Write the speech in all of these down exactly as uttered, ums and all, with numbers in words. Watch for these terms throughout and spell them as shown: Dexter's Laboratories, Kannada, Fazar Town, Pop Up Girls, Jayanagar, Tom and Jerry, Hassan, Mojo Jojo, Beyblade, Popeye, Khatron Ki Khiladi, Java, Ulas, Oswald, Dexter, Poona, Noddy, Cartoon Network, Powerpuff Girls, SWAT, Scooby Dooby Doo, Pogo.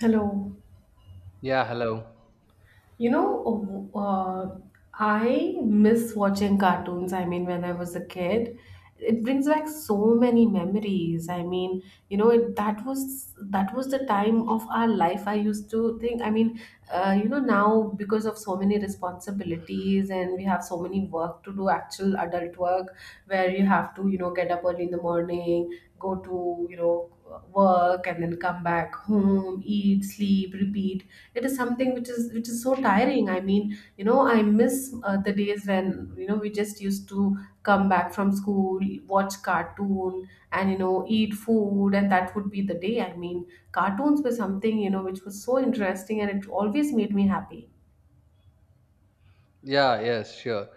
Hello. Yeah, hello. You know, uh, I miss watching cartoons. I mean, when I was a kid, it brings back so many memories. I mean, you know, it, that was that was the time of our life, I used to think. I mean, uh, you know, now because of so many responsibilities, and we have so many work to do, actual adult work, where you have to, you know, get up early in the morning, go to, you know, work, and then come back home, eat, sleep, repeat. It is something which is which is so tiring. I mean, you know I miss uh, the days when you know we just used to come back from school, watch cartoon, and you know eat food, and that would be the day. I mean, cartoons were something, you know which was so interesting, and it always made me happy. Yeah, yes, sure.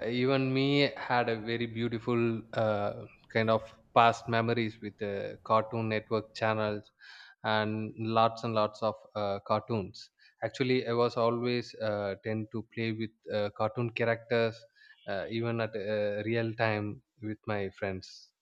Uh, Even me had a very beautiful uh, kind of past memories with uh, Cartoon Network channels and lots and lots of uh, cartoons. Actually, I was always uh, tend to play with uh, cartoon characters uh, even at uh, real time with my friends.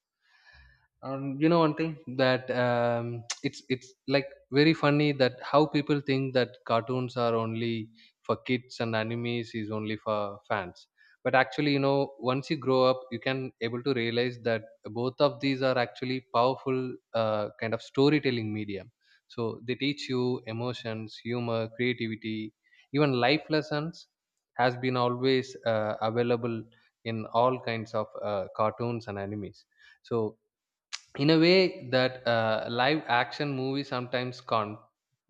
And you know one thing that um, it's it's like very funny that how people think that cartoons are only for kids and animes is only for fans. But actually, you know, once you grow up, you can able to realize that both of these are actually powerful uh, kind of storytelling medium. So they teach you emotions, humor, creativity, even life lessons has been always uh, available in all kinds of uh, cartoons and animes. So in a way that uh, live action movies sometimes can't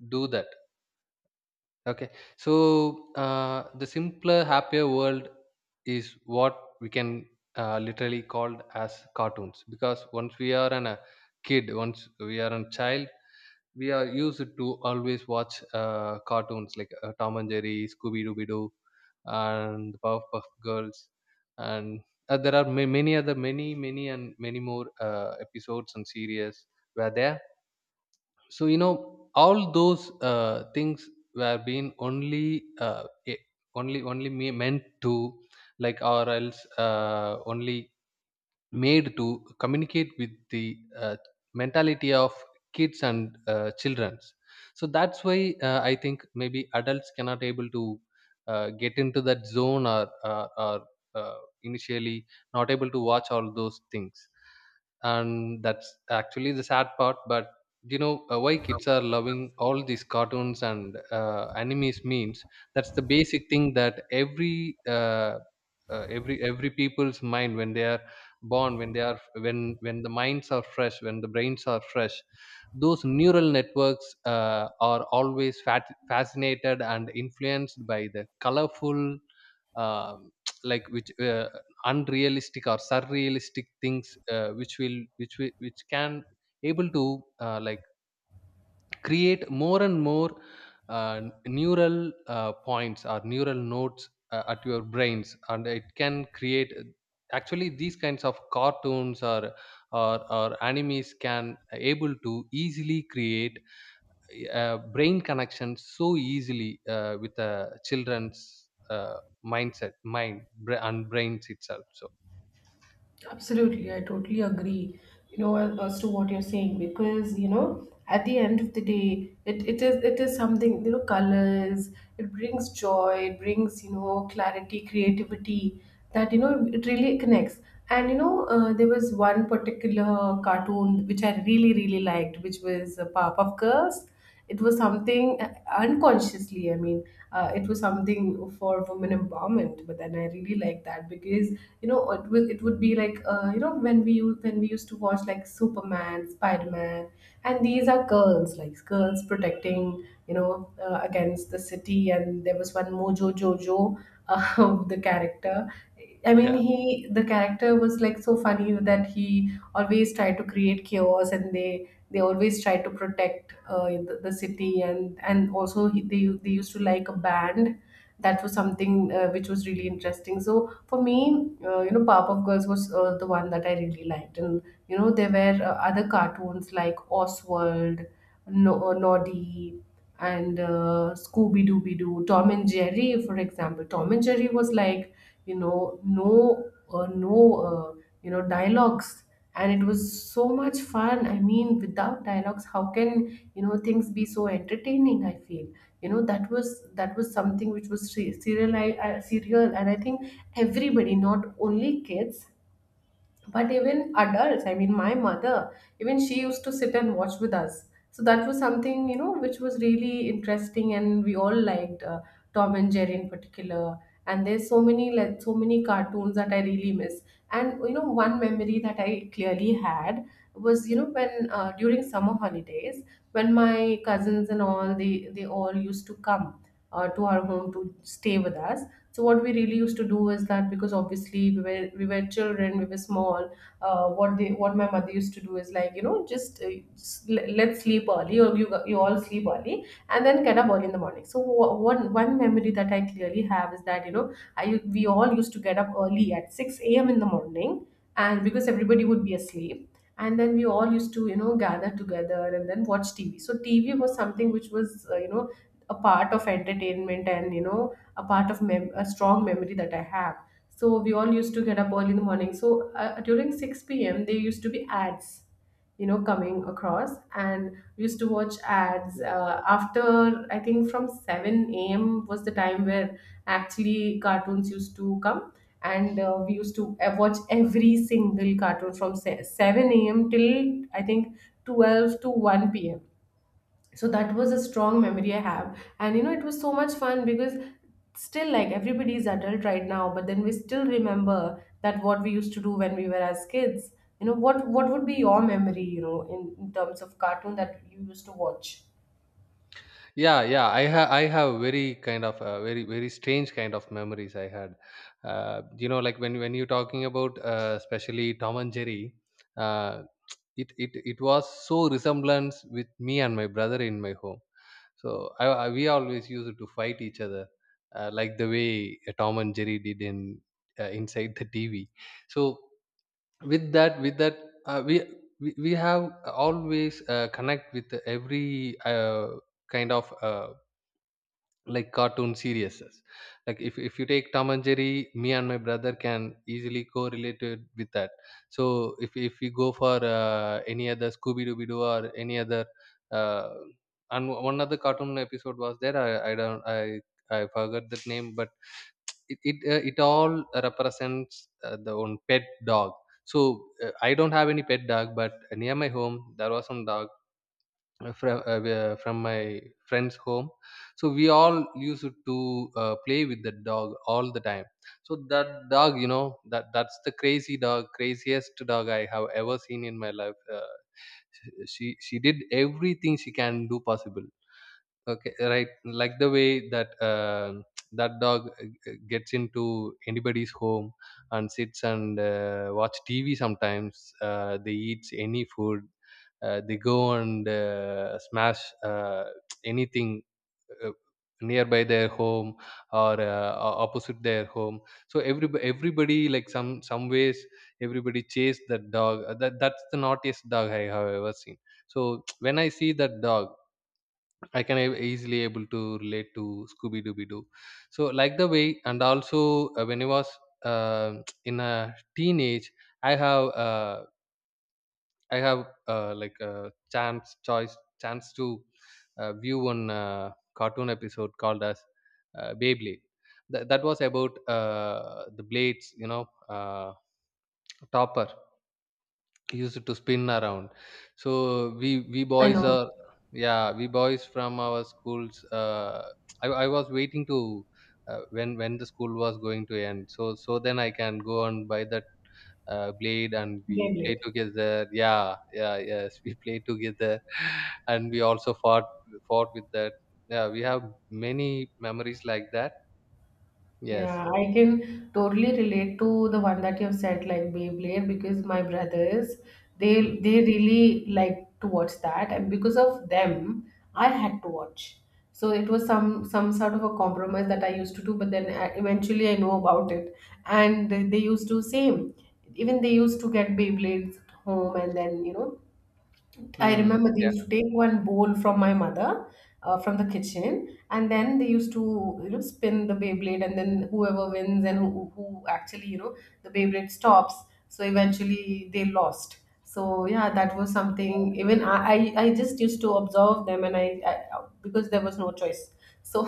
do that. Okay, so uh, the simpler happier world is what we can uh, literally called as cartoons, because once we are an a kid, once we are a child, we are used to always watch uh, cartoons like uh, Tom and Jerry, Scooby Dooby Doo, and the Powerpuff Girls, and uh, there are ma- many other many many and many more uh, episodes and series were there. So you know all those uh, things were being only uh, eh, only only me meant to like, or else uh, only made to communicate with the uh, mentality of kids and uh, childrens. So that's why uh, I think maybe adults cannot able to uh, get into that zone, or, or, or uh, initially not able to watch all those things, and that's actually the sad part. But you know uh, why kids are loving all these cartoons and uh, animes means, that's the basic thing that every uh, uh, every every people's mind, when they are born, when they are when when the minds are fresh, when the brains are fresh, those neural networks uh, are always fat, fascinated and influenced by the colorful um, like which uh, unrealistic or surrealistic things uh, which will which will, which can able to uh, like create more and more uh, neural uh, points or neural nodes uh, at your brains, and it can create actually these kinds of cartoons, or or, or animes can able to easily create uh, brain connections so easily uh, with a children's uh, mindset mind bra- and brains itself. So Absolutely, I totally agree. You know, as as to what you're saying, because you know, at the end of the day, it, it is it is something, you know, colors. It brings joy. It brings you know clarity, creativity. That you know, it really connects. And you know, uh, there was one particular cartoon which I really really liked, which was uh, Powerpuff Girls. It was something uh, unconsciously, I mean, uh, it was something for women empowerment, but then I really like that because you know it was - it would be like, uh, you know when we u- when we used to watch like Superman, Spider-Man, and these are girls, like girls protecting, you know uh, against the city. And there was one Mojo Jojo, uh, the character. I mean, Yeah. he the character was like so funny that he always tried to create chaos, and they they always tried to protect uh, the, the city, and and also he, they they used to like a band. That was something uh, which was really interesting. So for me, uh, you know, Powerpuff Girls was uh, the one that I really liked. And you know, there were uh, other cartoons like Oswald, no- uh, Noddy, and uh, Scooby Dooby Doo, Tom and Jerry, for example. Tom and Jerry was like, you know no, uh, no, uh, you know dialogues, and it was so much fun. I mean, without dialogues, how can, you know things be so entertaining, I feel. you know that was that was something which was serial serial, and I think everybody, not only kids but even adults. I mean, my mother, even she used to sit and watch with us. So that was something, you know which was really interesting, and we all liked uh, Tom and Jerry in particular. And there's so many, like so many cartoons that I really miss. And you know one memory that I clearly had was, you know when, uh, during summer holidays, when my cousins and all, they they all used to come uh, to our home to stay with us. So what we really used to do is that, because obviously, we were we were children, we were small. Uh, what they what my mother used to do is like, you know just, uh, s- le- let's sleep early, or you you all sleep early, and then get up early in the morning. So, wha- one one memory that I clearly have is that, you know I we all used to get up early at six a m in the morning. And because everybody would be asleep, and then we all used to, you know gather together, and then watch TV. So TV was something which was, uh, you know a part of entertainment, and you know a part of mem- a strong memory that I have. So we all used to get up early in the morning. So, uh, during six p m there used to be ads, you know, coming across, and we used to watch ads. Yeah, Uh, after, I think, from seven a m was the time where actually cartoons used to come. And uh, we used to uh, watch every single cartoon from se- seven a m till I think twelve to one p m. So that was a strong memory I have. And you know it was so much fun, because still, like, everybody is adult right now, but then we still remember that what we used to do when we were as kids. You know what what would be your memory, you know in, in terms of cartoon that you used to watch? yeah, yeah, I have i have very kind of uh, very very strange kind of memories I had. Uh, you know, like when when you're talking about uh, especially Tom and Jerry, uh, it, it it was so resemblance with me and my brother in my home. So i, I we always used to fight each other uh, like the way uh, Tom and Jerry did in uh, inside the TV. So with that with that uh, we, we we have always uh, connect with every uh, kind of uh, like cartoon series. Like if, if you take Tom and Jerry, me and my brother can easily correlated with that. So if, if we go for uh, any other Scooby-Dooby Doo or any other uh, and one other cartoon episode was there. I, I don't, i i forgot that name, but it it, uh, it all represents uh, the own pet dog. So uh, I don't have any pet dog, but near my home there was some dog from uh, uh, from my friend's home. So we all used to uh, play with the dog all the time. So that dog, you know, that that's the crazy dog craziest dog I have ever seen in my life. Uh, she she did everything she can do possible. Okay, right. Like the way that uh, that dog uh, g- gets into anybody's home and sits and uh, watch T V. Sometimes uh, they eat any food. Uh, they go and uh, smash uh, anything uh, nearby their home, or uh, o- opposite their home. So every everybody, like some some ways, everybody chase that dog. Uh, That that's the naughtiest dog I have ever seen. So when I see that dog, I can ab- easily able to relate to Scooby Dooby Doo. So like the way. And also uh, when I was uh, in a teenage, I have uh, I have uh, like a chance choice chance to uh, view one uh, cartoon episode called as uh, Beyblade. That that was about uh, the blades, you know, uh, topper used to spin around. So we we I boys know are yeah, we boys from our schools uh, I, I was waiting to uh, when when the school was going to end, so so then I can go and buy that uh, blade and we game play late. together. Yeah, yeah, yes, we play together. And we also fought fought with that. Yeah, we have many memories like that. Yes. Yeah, I can totally relate to the one that you've said, like Beyblade, because my brothers, Hmm. they they really like to watch that, and because of them, I had to watch. So it was some some sort of a compromise that I used to do. But then, I, eventually I know about it, and they used to same, even they used to get Beyblades home, and then, you know I Hmm. remember they used to take one bowl from my mother, uh, from the kitchen, and then they used to, you know spin the Beyblade, and then whoever wins and who, who actually, you know the Beyblade stops. So eventually they lost. So yeah, that was something. Even I, I, I just used to observe them. And I, I, because there was no choice. So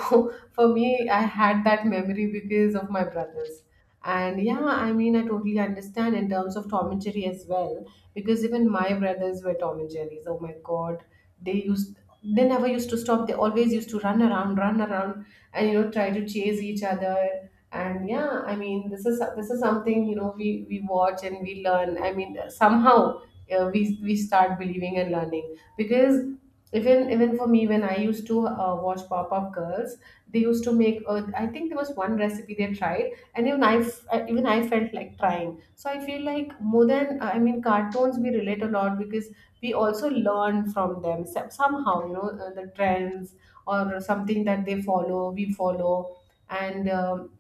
for me, I had that memory because of my brothers. And yeah, I mean, I totally understand in terms of Tom and Jerry as well, because even my brothers were Tom and Jerry's. Oh my God, they used they never used to stop. They always used to run around, run around, and you know try to chase each other. And yeah, I mean, this is this is something, you know we we watch and we learn. I mean, somehow, uh, we we start believing and learning, because even even for me, when I used to, uh, watch Pop Up Girls, they used to make. Uh, I think there was one recipe they tried, and even I f- uh, even I felt like trying. So I feel like, more than, uh, I mean, cartoons, we relate a lot because we also learn from them, so- somehow. You know, uh, the trends or something that they follow, we follow. And, um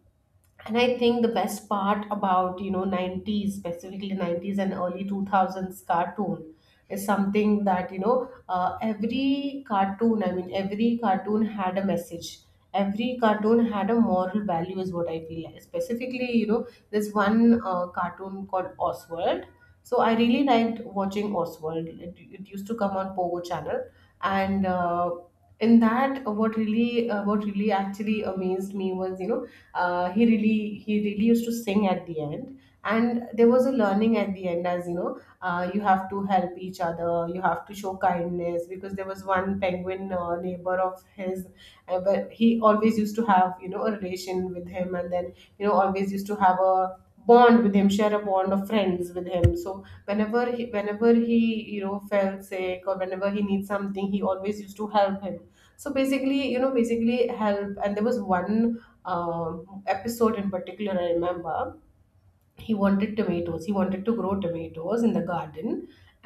and I think the best part about, you know nineties, specifically nineties and early two thousands cartoon, is something that, you know uh, every cartoon, I mean, every cartoon had a message, every cartoon had a moral value, is what I feel like. Specifically, you know there's one uh, cartoon called Oswald. So I really liked watching Oswald. it, it used to come on Pogo channel. And, uh, in that, what really, uh, what really actually amazed me was, you know uh, he really, he really used to sing at the end, and there was a learning at the end, as, you know uh, you have to help each other, you have to show kindness. Because there was one penguin, uh, neighbor of his, uh, but he always used to have, you know a relation with him, and then, you know always used to have a bond with him, share a bond of friends with him. So whenever he whenever he, you know felt sick, or whenever he needs something, he always used to help him. So basically, you know basically help. And there was one um, episode in particular I remember. He wanted tomatoes, he wanted to grow tomatoes in the garden.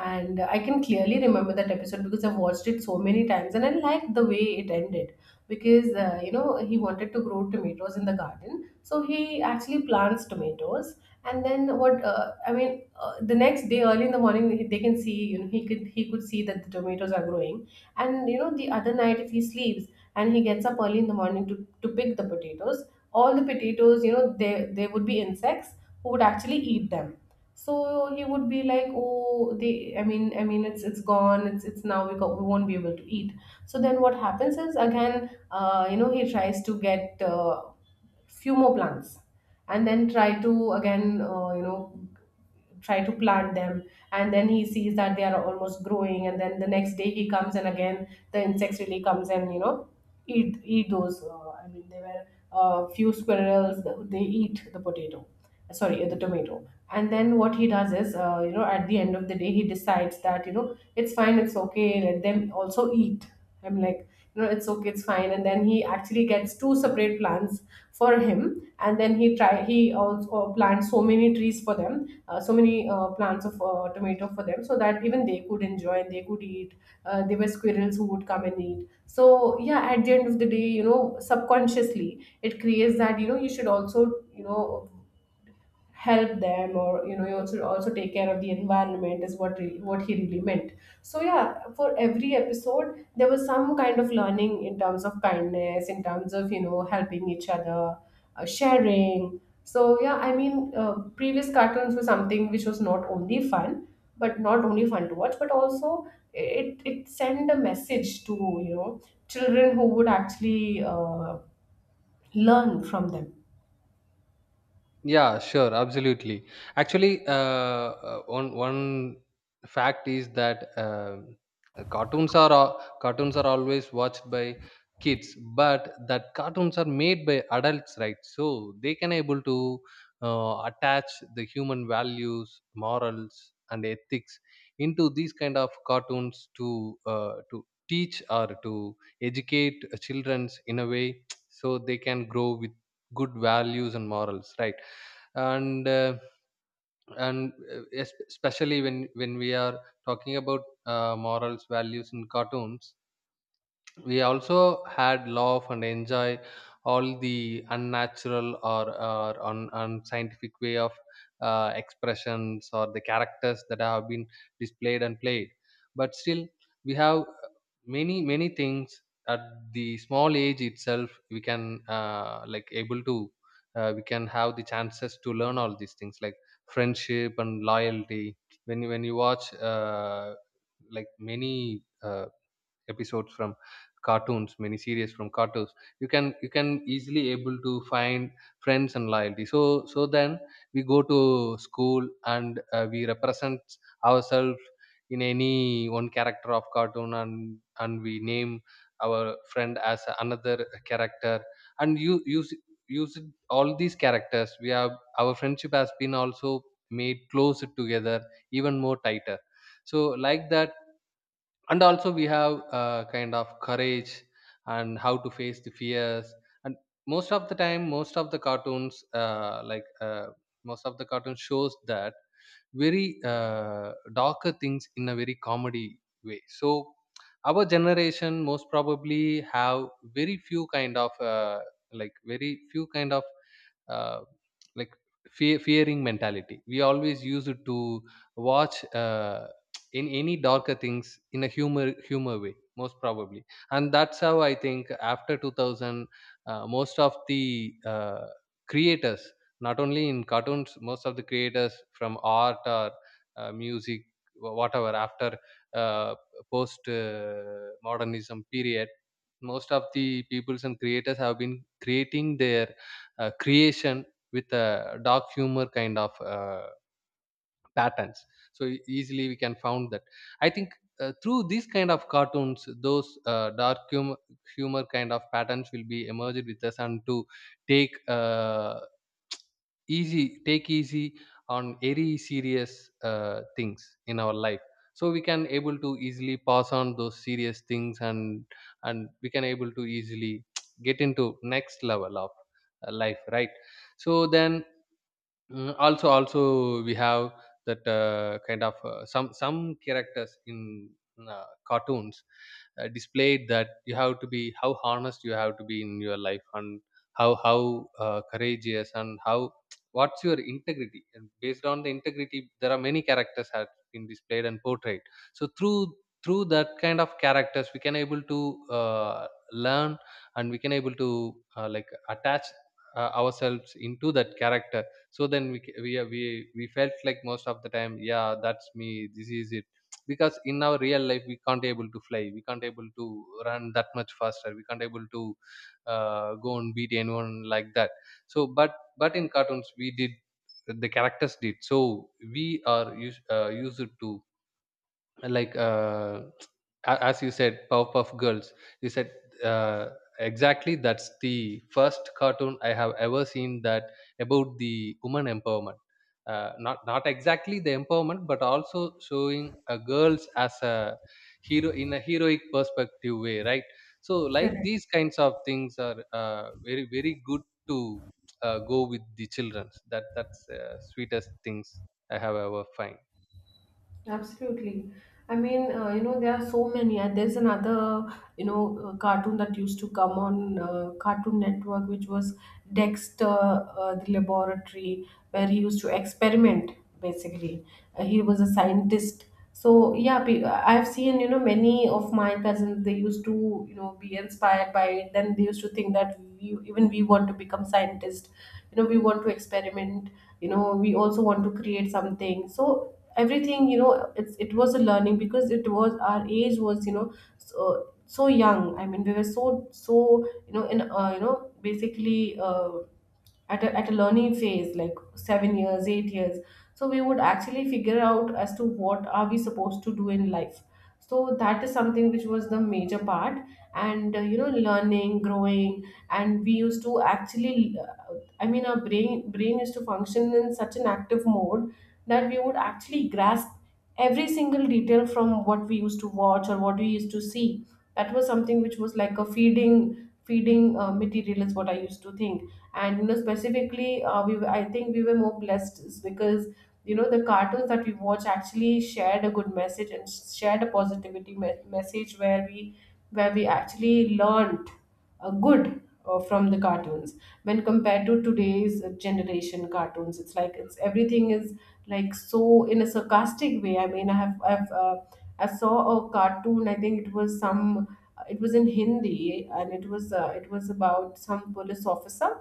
And I can clearly remember that episode, because I've watched it so many times, and I liked the way it ended. Because, uh, you know he wanted to grow tomatoes in the garden, so he actually plants tomatoes. And then, what uh, I mean, uh, the next day, early in the morning, they can see, you know he could he could see that the tomatoes are growing. And, you know the other night, if he sleeps, and he gets up early in the morning to to pick the potatoes, all the potatoes, you know there there would be insects who would actually eat them. So he would be like, "Oh, they - I mean, I mean, it's - it's gone. It's it's now, we go, we won't be able to eat." So then what happens is, again, uh, you know, he tries to get, uh, few more plants, and then try to, again, uh, you know, try to plant them. And then he sees that they are almost growing, and then the next day he comes, and again the insects really comes, and, you know eat eat those, uh, I mean, there were a few squirrels. They eat the potato, sorry, the tomato. And then what he does is, uh, you know at the end of the day, he decides that, you know it's fine, it's okay, let them also eat. I'm like, you know, it's okay, it's fine. And then he actually gets two separate plants for him, and then he try he also plants so many trees for them, uh, so many uh, plants of uh, tomato for them, so that even they could enjoy and they could eat. Uh, there were squirrels who would come and eat. So yeah, at the end of the day, you know, subconsciously it creates that you know you should also you know help them or you know you also also take care of the environment is what really, what he really meant. So yeah, for every episode there was some kind of learning in terms of kindness, in terms of you know helping each other, uh, sharing. So yeah, i mean uh, previous cartoons were something which was not only fun, but not only fun to watch, but also it it sent a message to you know children who would actually uh, learn from them. Yeah, sure, absolutely. Actually, uh, uh, one one fact is that um, uh, cartoons are al- cartoons are always watched by kids, but that cartoons are made by adults, right? So they can able to uh, attach the human values, morals, and ethics into these kind of cartoons to uh, to teach or to educate childrens in a way, so they can grow with good values and morals, right? and uh, and uh, es- especially when when we are talking about uh, morals values in cartoons, we also had love and enjoy all the unnatural or, or un, unscientific way of uh, expressions or the characters that have been displayed and played. But still we have many many things at the small age itself. We can uh, like able to uh, we can have the chances to learn all these things like friendship and loyalty. When you when you watch uh, like many uh, episodes from cartoons, many series from cartoons, you can you can easily able to find friends and loyalty. So so then we go to school, and uh, we represent ourselves in any one character of cartoon, and and we name our friend as another character. And you use use it- all these characters we have, our friendship has been also made closer together, even more tighter. So like that. And also we have uh, kind of courage and how to face the fears. And most of the time, most of the cartoons uh, like uh, most of the cartoon shows that very uh, darker things in a very comedy way. So our generation most probably have very few kind of uh, like very few kind of uh, like fear, fearing mentality. We always use it to watch uh, in any darker things in a humor humor way, most probably. And that's how I think after two thousand, uh, most of the uh, creators, not only in cartoons, most of the creators from art or uh, music, wh- whatever, after uh, post uh, modernism period, most of the peoples and creators have been creating their uh, creation with a dark humor kind of uh, patterns. So e- easily we can found that. I think uh, through these kind of cartoons, those uh, dark humor, humor kind of patterns will be emerged with us, and to take uh, easy take easy on very serious uh, things in our life. So we can able to easily pass on those serious things, and and we can able to easily get into next level of uh, life, right? So then Mm, also also we have that uh, kind of uh, some some characters in uh, cartoons uh, displayed that you have to be how honest you have to be in your life, and how how uh, courageous and how what's your integrity. And based on the integrity, there are many characters have been displayed and portrayed. So through through that kind of characters, we can able to uh, learn, and we can able to uh, like attach uh, ourselves into that character. So then we ca- we are- we we felt like, most of the time, yeah, that's me, this is it. Because in our real life, we can't able to fly, we can't able to run that much faster, we can't able to uh, go and beat anyone like that. So but but in cartoons we did, the characters did. So we are used, uh, used to like uh, a- as you said, Powerpuff Girls, you said uh, exactly, that's the first cartoon I have ever seen that, about the woman empowerment. uh, not not exactly the empowerment, but also showing uh, girls as a hero in a heroic perspective way, right? So like Correct. these kinds of things are uh, very very good to uh, go with the children. That that's uh, sweetest things I have ever find. Absolutely. I mean, uh, you know, there are so many, and there's another, you know, uh, cartoon that used to come on uh, Cartoon Network, which was Dexter, uh, the laboratory, where he used to experiment, basically. Uh, he was a scientist. So, yeah, pe- I've seen, you know, many of my cousins, they used to, you know, be inspired by it. Then they used to think that we, even we want to become scientists, you know, we want to experiment, you know, we also want to create something. So, everything, you know, it's it was a learning because it was, our age was, you know, so, so young. I mean, we were so so you know, in uh, you know, basically uh, at a, at a learning phase like seven years, eight years. So we would actually figure out as to what are we supposed to do in life. So that is something which was the major part. And uh, you know, learning, growing, and we used to actually uh, I mean, our brain brain used to function in such an active mode that we would actually grasp every single detail from what we used to watch or what we used to see. That was something which was like a feeding feeding uh, material is what I used to think. And you know, specifically, uh, we were- I think we were more blessed is because you know the cartoons that we watch actually shared a good message and shared a positivity me- message where we, where we actually learned uh, good uh, from the cartoons. When compared to today's generation cartoons, it's like it's everything is like so in a sarcastic way. I mean, i have I've uh, I saw a cartoon. I think it was some, it was in hindi, and it was uh, it was about some police officer.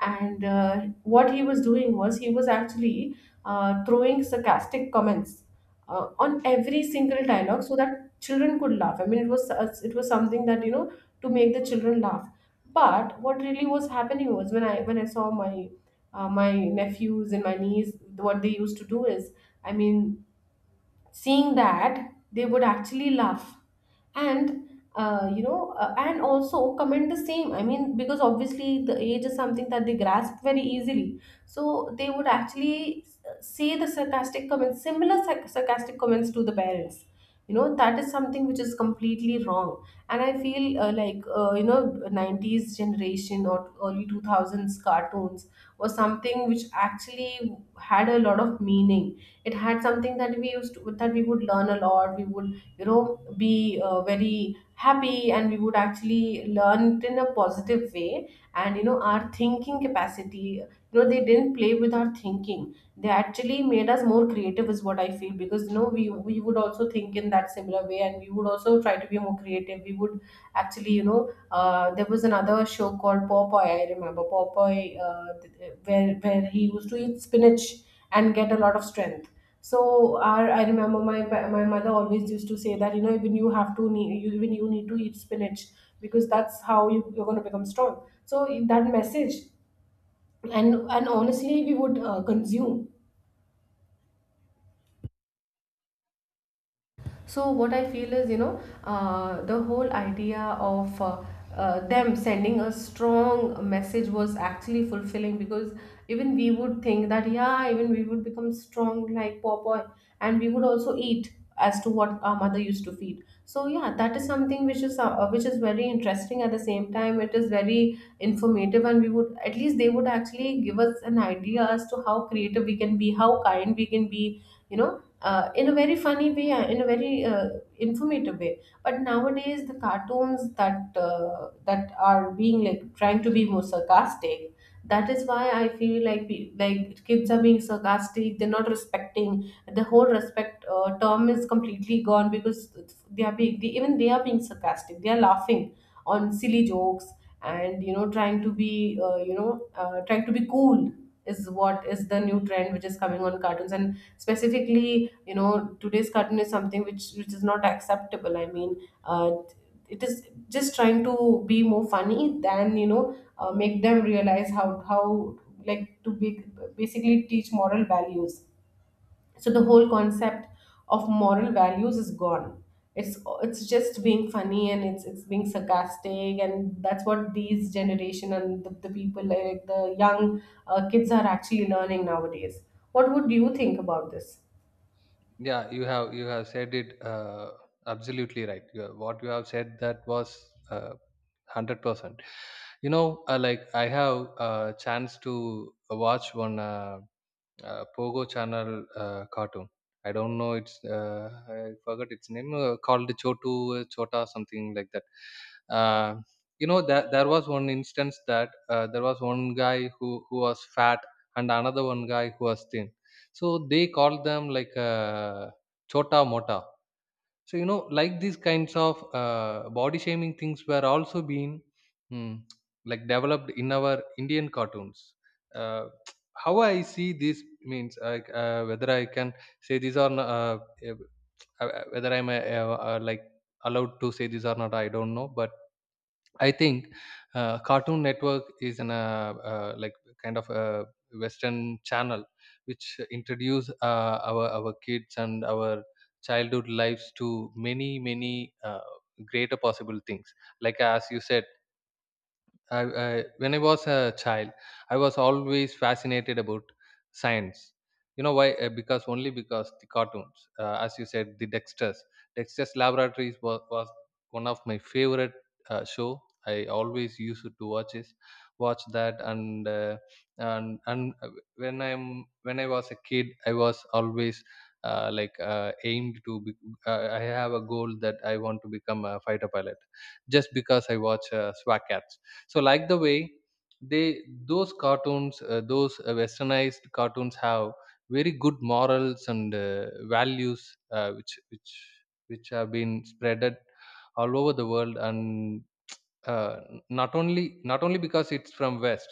And uh, what he was doing was he was actually uh, throwing sarcastic comments uh, on every single dialogue so that children could laugh. I mean, it was uh, it was something that, you know, to make the children laugh. But what really was happening was, when i when I saw my uh, my nephews and my niece, what they used to do is, I mean, seeing that, they would actually laugh, and uh, you know, uh, and also comment the same. I mean, because obviously the age is something that they grasp very easily, so they would actually uh, say the sarcastic comments, similar sarc- sarcastic comments to the parents. You know, that is something which is completely wrong. And I feel uh, like uh, you know, nineties generation or early two thousands cartoons was something which actually had a lot of meaning. It had something that we used to, that we would learn a lot. We would, you know, be uh, very happy, and we would actually learn it in a positive way. And you know, our thinking capacity, you know, they didn't play with our thinking. They actually made us more creative is what I feel, because you know we we would also think in that similar way, and we would also try to be more creative, we would. Actually, you know, uh, there was another show called Popeye. I remember Popeye, uh, th- uh, where where he used to eat spinach and get a lot of strength. So our, I remember my pa- my mother always used to say that you know, even you have to need, you, even you need to eat spinach, because that's how you, you're going to become strong. So that message, and and honestly we would uh, consume. So what I feel is, you know, uh, the whole idea of uh, uh, them sending a strong message was actually fulfilling, because even we would think that yeah, even we would become strong like popeye, and we would also eat as to what our mother used to feed. So yeah, that is something which is uh, which is very interesting. At the same time, it is very informative, and we would at least, they would actually give us an idea as to how creative we can be, how kind we can be, you know, uh, in a very funny way, uh, in a very uh, informative way. But nowadays, the cartoons that uh, that are being, like, trying to be more sarcastic, that is why I feel like, pe- like kids are being sarcastic. They're not respecting the whole respect uh, term is completely gone, because they are being, they, even they are being sarcastic, they are laughing on silly jokes. And you know, trying to be uh, you know uh, trying to be cool is what is the new trend which is coming on cartoons. And specifically, you know, today's cartoon is something which which is not acceptable. I mean, uh, it is just trying to be more funny than, you know, uh, make them realize how how like to be, basically teach moral values. So the whole concept of moral values is gone. it's it's just being funny and it's it's being sarcastic. And that's what these generation and the, the people, like the young uh, kids are actually learning nowadays. What would you think about this? Yeah, you have you have said it uh, absolutely right. You have, what you have said, that was uh, hundred percent. You know, uh, like I have a chance to watch one uh, uh, Pogo channel uh, cartoon. I don't know its uh, I forgot its name uh, called Chotu uh, Chota something like that. Uh, you know that there was one instance that uh, there was one guy who who was fat and another one guy who was thin. So they called them like uh, Chota Mota, so you know like these kinds of uh, body shaming things were also being mm, like developed in our Indian cartoons. uh, how I see this means uh, like uh, whether I can say this or not, uh, eh, uh, whether I'm uh, uh, like allowed to say this or not I don't know, but I think uh, Cartoon Network is an uh, uh, like kind of a Western channel which introduce uh, our our kids and our childhood lives to many many uh, greater possible things. Like as you said, I, I when I was a child, I was always fascinated about science. You know why? Uh, Because only because the cartoons, uh, as you said, the Dexter's Dexter's Laboratories was, was one of my favorite uh, show. I always used to watch it, watch that, and uh, and and uh, when I'm when I was a kid, I was always uh, like uh, aimed to. Be, uh, I have a goal that I want to become a fighter pilot just because I watch uh, S W A T. So like the way they, those cartoons, uh, those uh, westernized cartoons have very good morals and uh, values uh, which which which have been spreaded all over the world, and uh, not only not only because it's from West,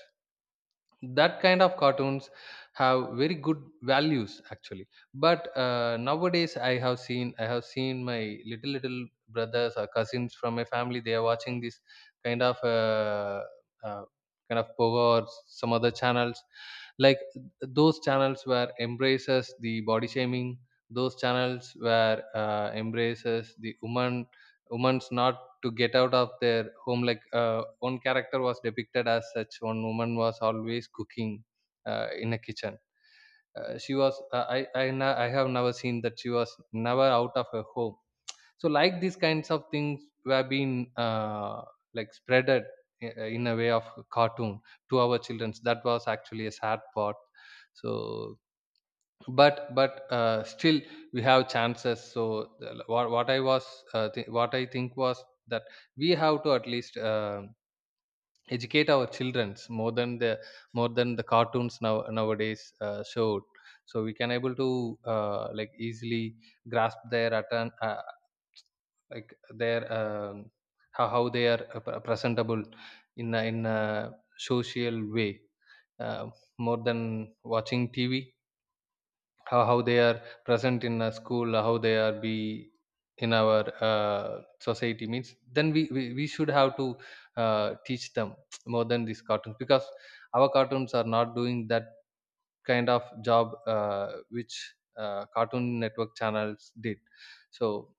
that kind of cartoons have very good values actually. But uh, nowadays i have seen i have seen my little little brothers or cousins from my family, they are watching this kind of uh, uh, kind of Pogo or some other channels, like those channels where embraces the body shaming, those channels where uh, embraces the woman women's not to get out of their home. Like uh, one character was depicted as such, one woman was always cooking uh, in a kitchen. Uh, she was uh, I, I na- I have never seen that, she was never out of her home. So like these kinds of things were being uh, like spreaded i- in a way of cartoon to our children. That was actually a sad part. So, but but uh, still we have chances. So the- what, what I was uh, th- what I think was that we have to at least uh, educate our childrens more than the more than the cartoons now nowadays uh, showed, so we can able to uh, like easily grasp their atten- uh, like their um, how, how they are uh, pre- presentable in a, in a social way, uh, more than watching T V, how how they are present in a school, how they are be in our uh, society. Means then we, we we should have to uh, teach them more than these cartoons, because our cartoons are not doing that kind of job uh, which uh, Cartoon Network channels did. So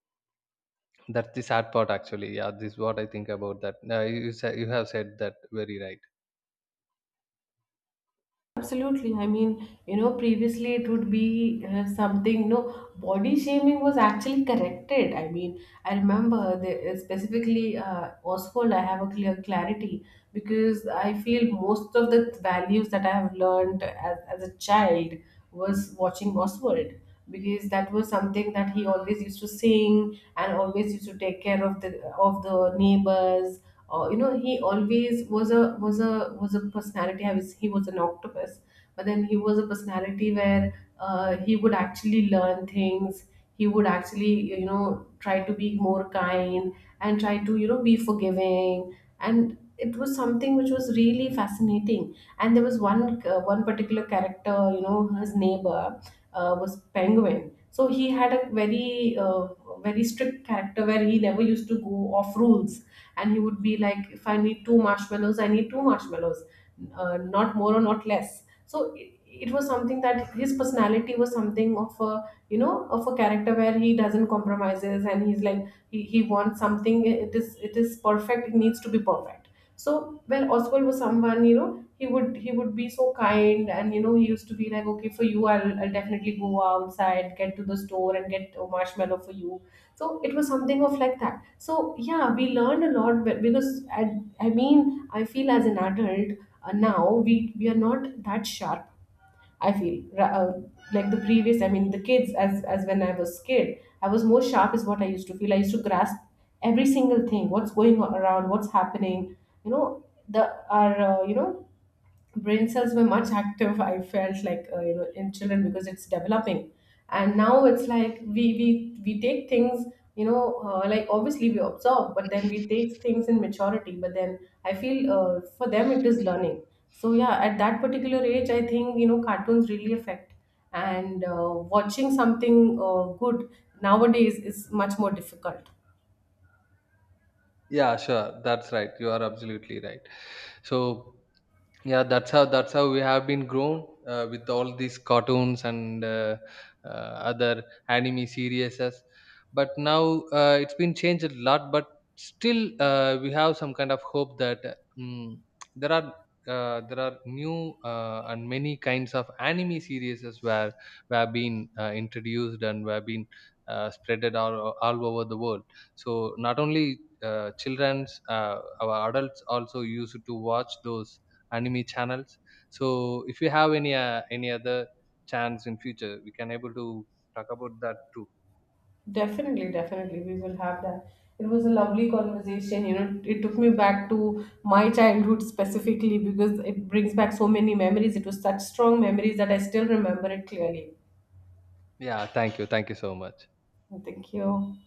that's the sad part actually. Yeah, this is what I think about that. Uh, you you sa- you have said that very right. Absolutely. I mean, you know, previously it would be uh, something. No, body shaming was actually corrected. I mean, I remember the, uh, specifically uh, Oswald. I have a clear clarity, because I feel most of the values that I have learned as, as a child was watching Oswald, because that was something that he always used to sing and always used to take care of the, of the neighbors. Or you know, he always was a was a was a personality. I was, he was an octopus, but then he was a personality where uh, he would actually learn things. He would actually, you know, try to be more kind, and try to, you know, be forgiving. And it was something which was really fascinating. And there was one uh, one particular character, you know, his neighbor, uh, was Penguin. So he had a very uh, very strict character, where he never used to go off rules, and he would be like, if I need two marshmallows, I need two marshmallows, uh, not more or not less. So it, it was something that his personality was something of a, you know, of a character where he doesn't compromises, and he's like, he, he wants something, it is, it is perfect, it needs to be perfect. So well, Oswald was someone, you know, he would, he would be so kind, and you know he used to be like, okay, for you I'll, I'll definitely go outside, get to the store and get a marshmallow for you. So it was something of like that. So yeah, we learned a lot. But because I, I mean, I feel as an adult, uh, now we we are not that sharp, I feel. Ra- uh, like the previous, I mean the kids, as as when I was kid, I was more sharp is what I used to feel. I used to grasp every single thing, what's going on around, what's happening, you know. The our, uh, you know, brain cells were much active, I felt like, uh, you know, in children, because it's developing. And now it's like we we we take things, you know, uh, like obviously we observe, but then we take things in maturity. But then I feel, uh, for them, it is learning. So yeah, at that particular age, I think you know cartoons really affect. And uh, watching something uh, good nowadays is much more difficult. Yeah, sure, that's right, you are absolutely right. So yeah, that's how that's how we have been grown uh, with all these cartoons and uh, uh, other anime series. But now uh, it's been changed a lot, but still uh, we have some kind of hope that mm there are uh, there are new uh, and many kinds of anime series where were been uh, introduced and were been uh, spreaded all, all over the world. So not only uh, children's, uh, our adults also used to watch those anime channels. So if you have any uh, any other chance in future, we can able to talk about that too. Definitely, definitely, we will have that. It was a lovely conversation. You know, it took me back to my childhood specifically, because it brings back so many memories. It was such strong memories that I still remember it clearly. Yeah, thank you, thank you so much. Thank you.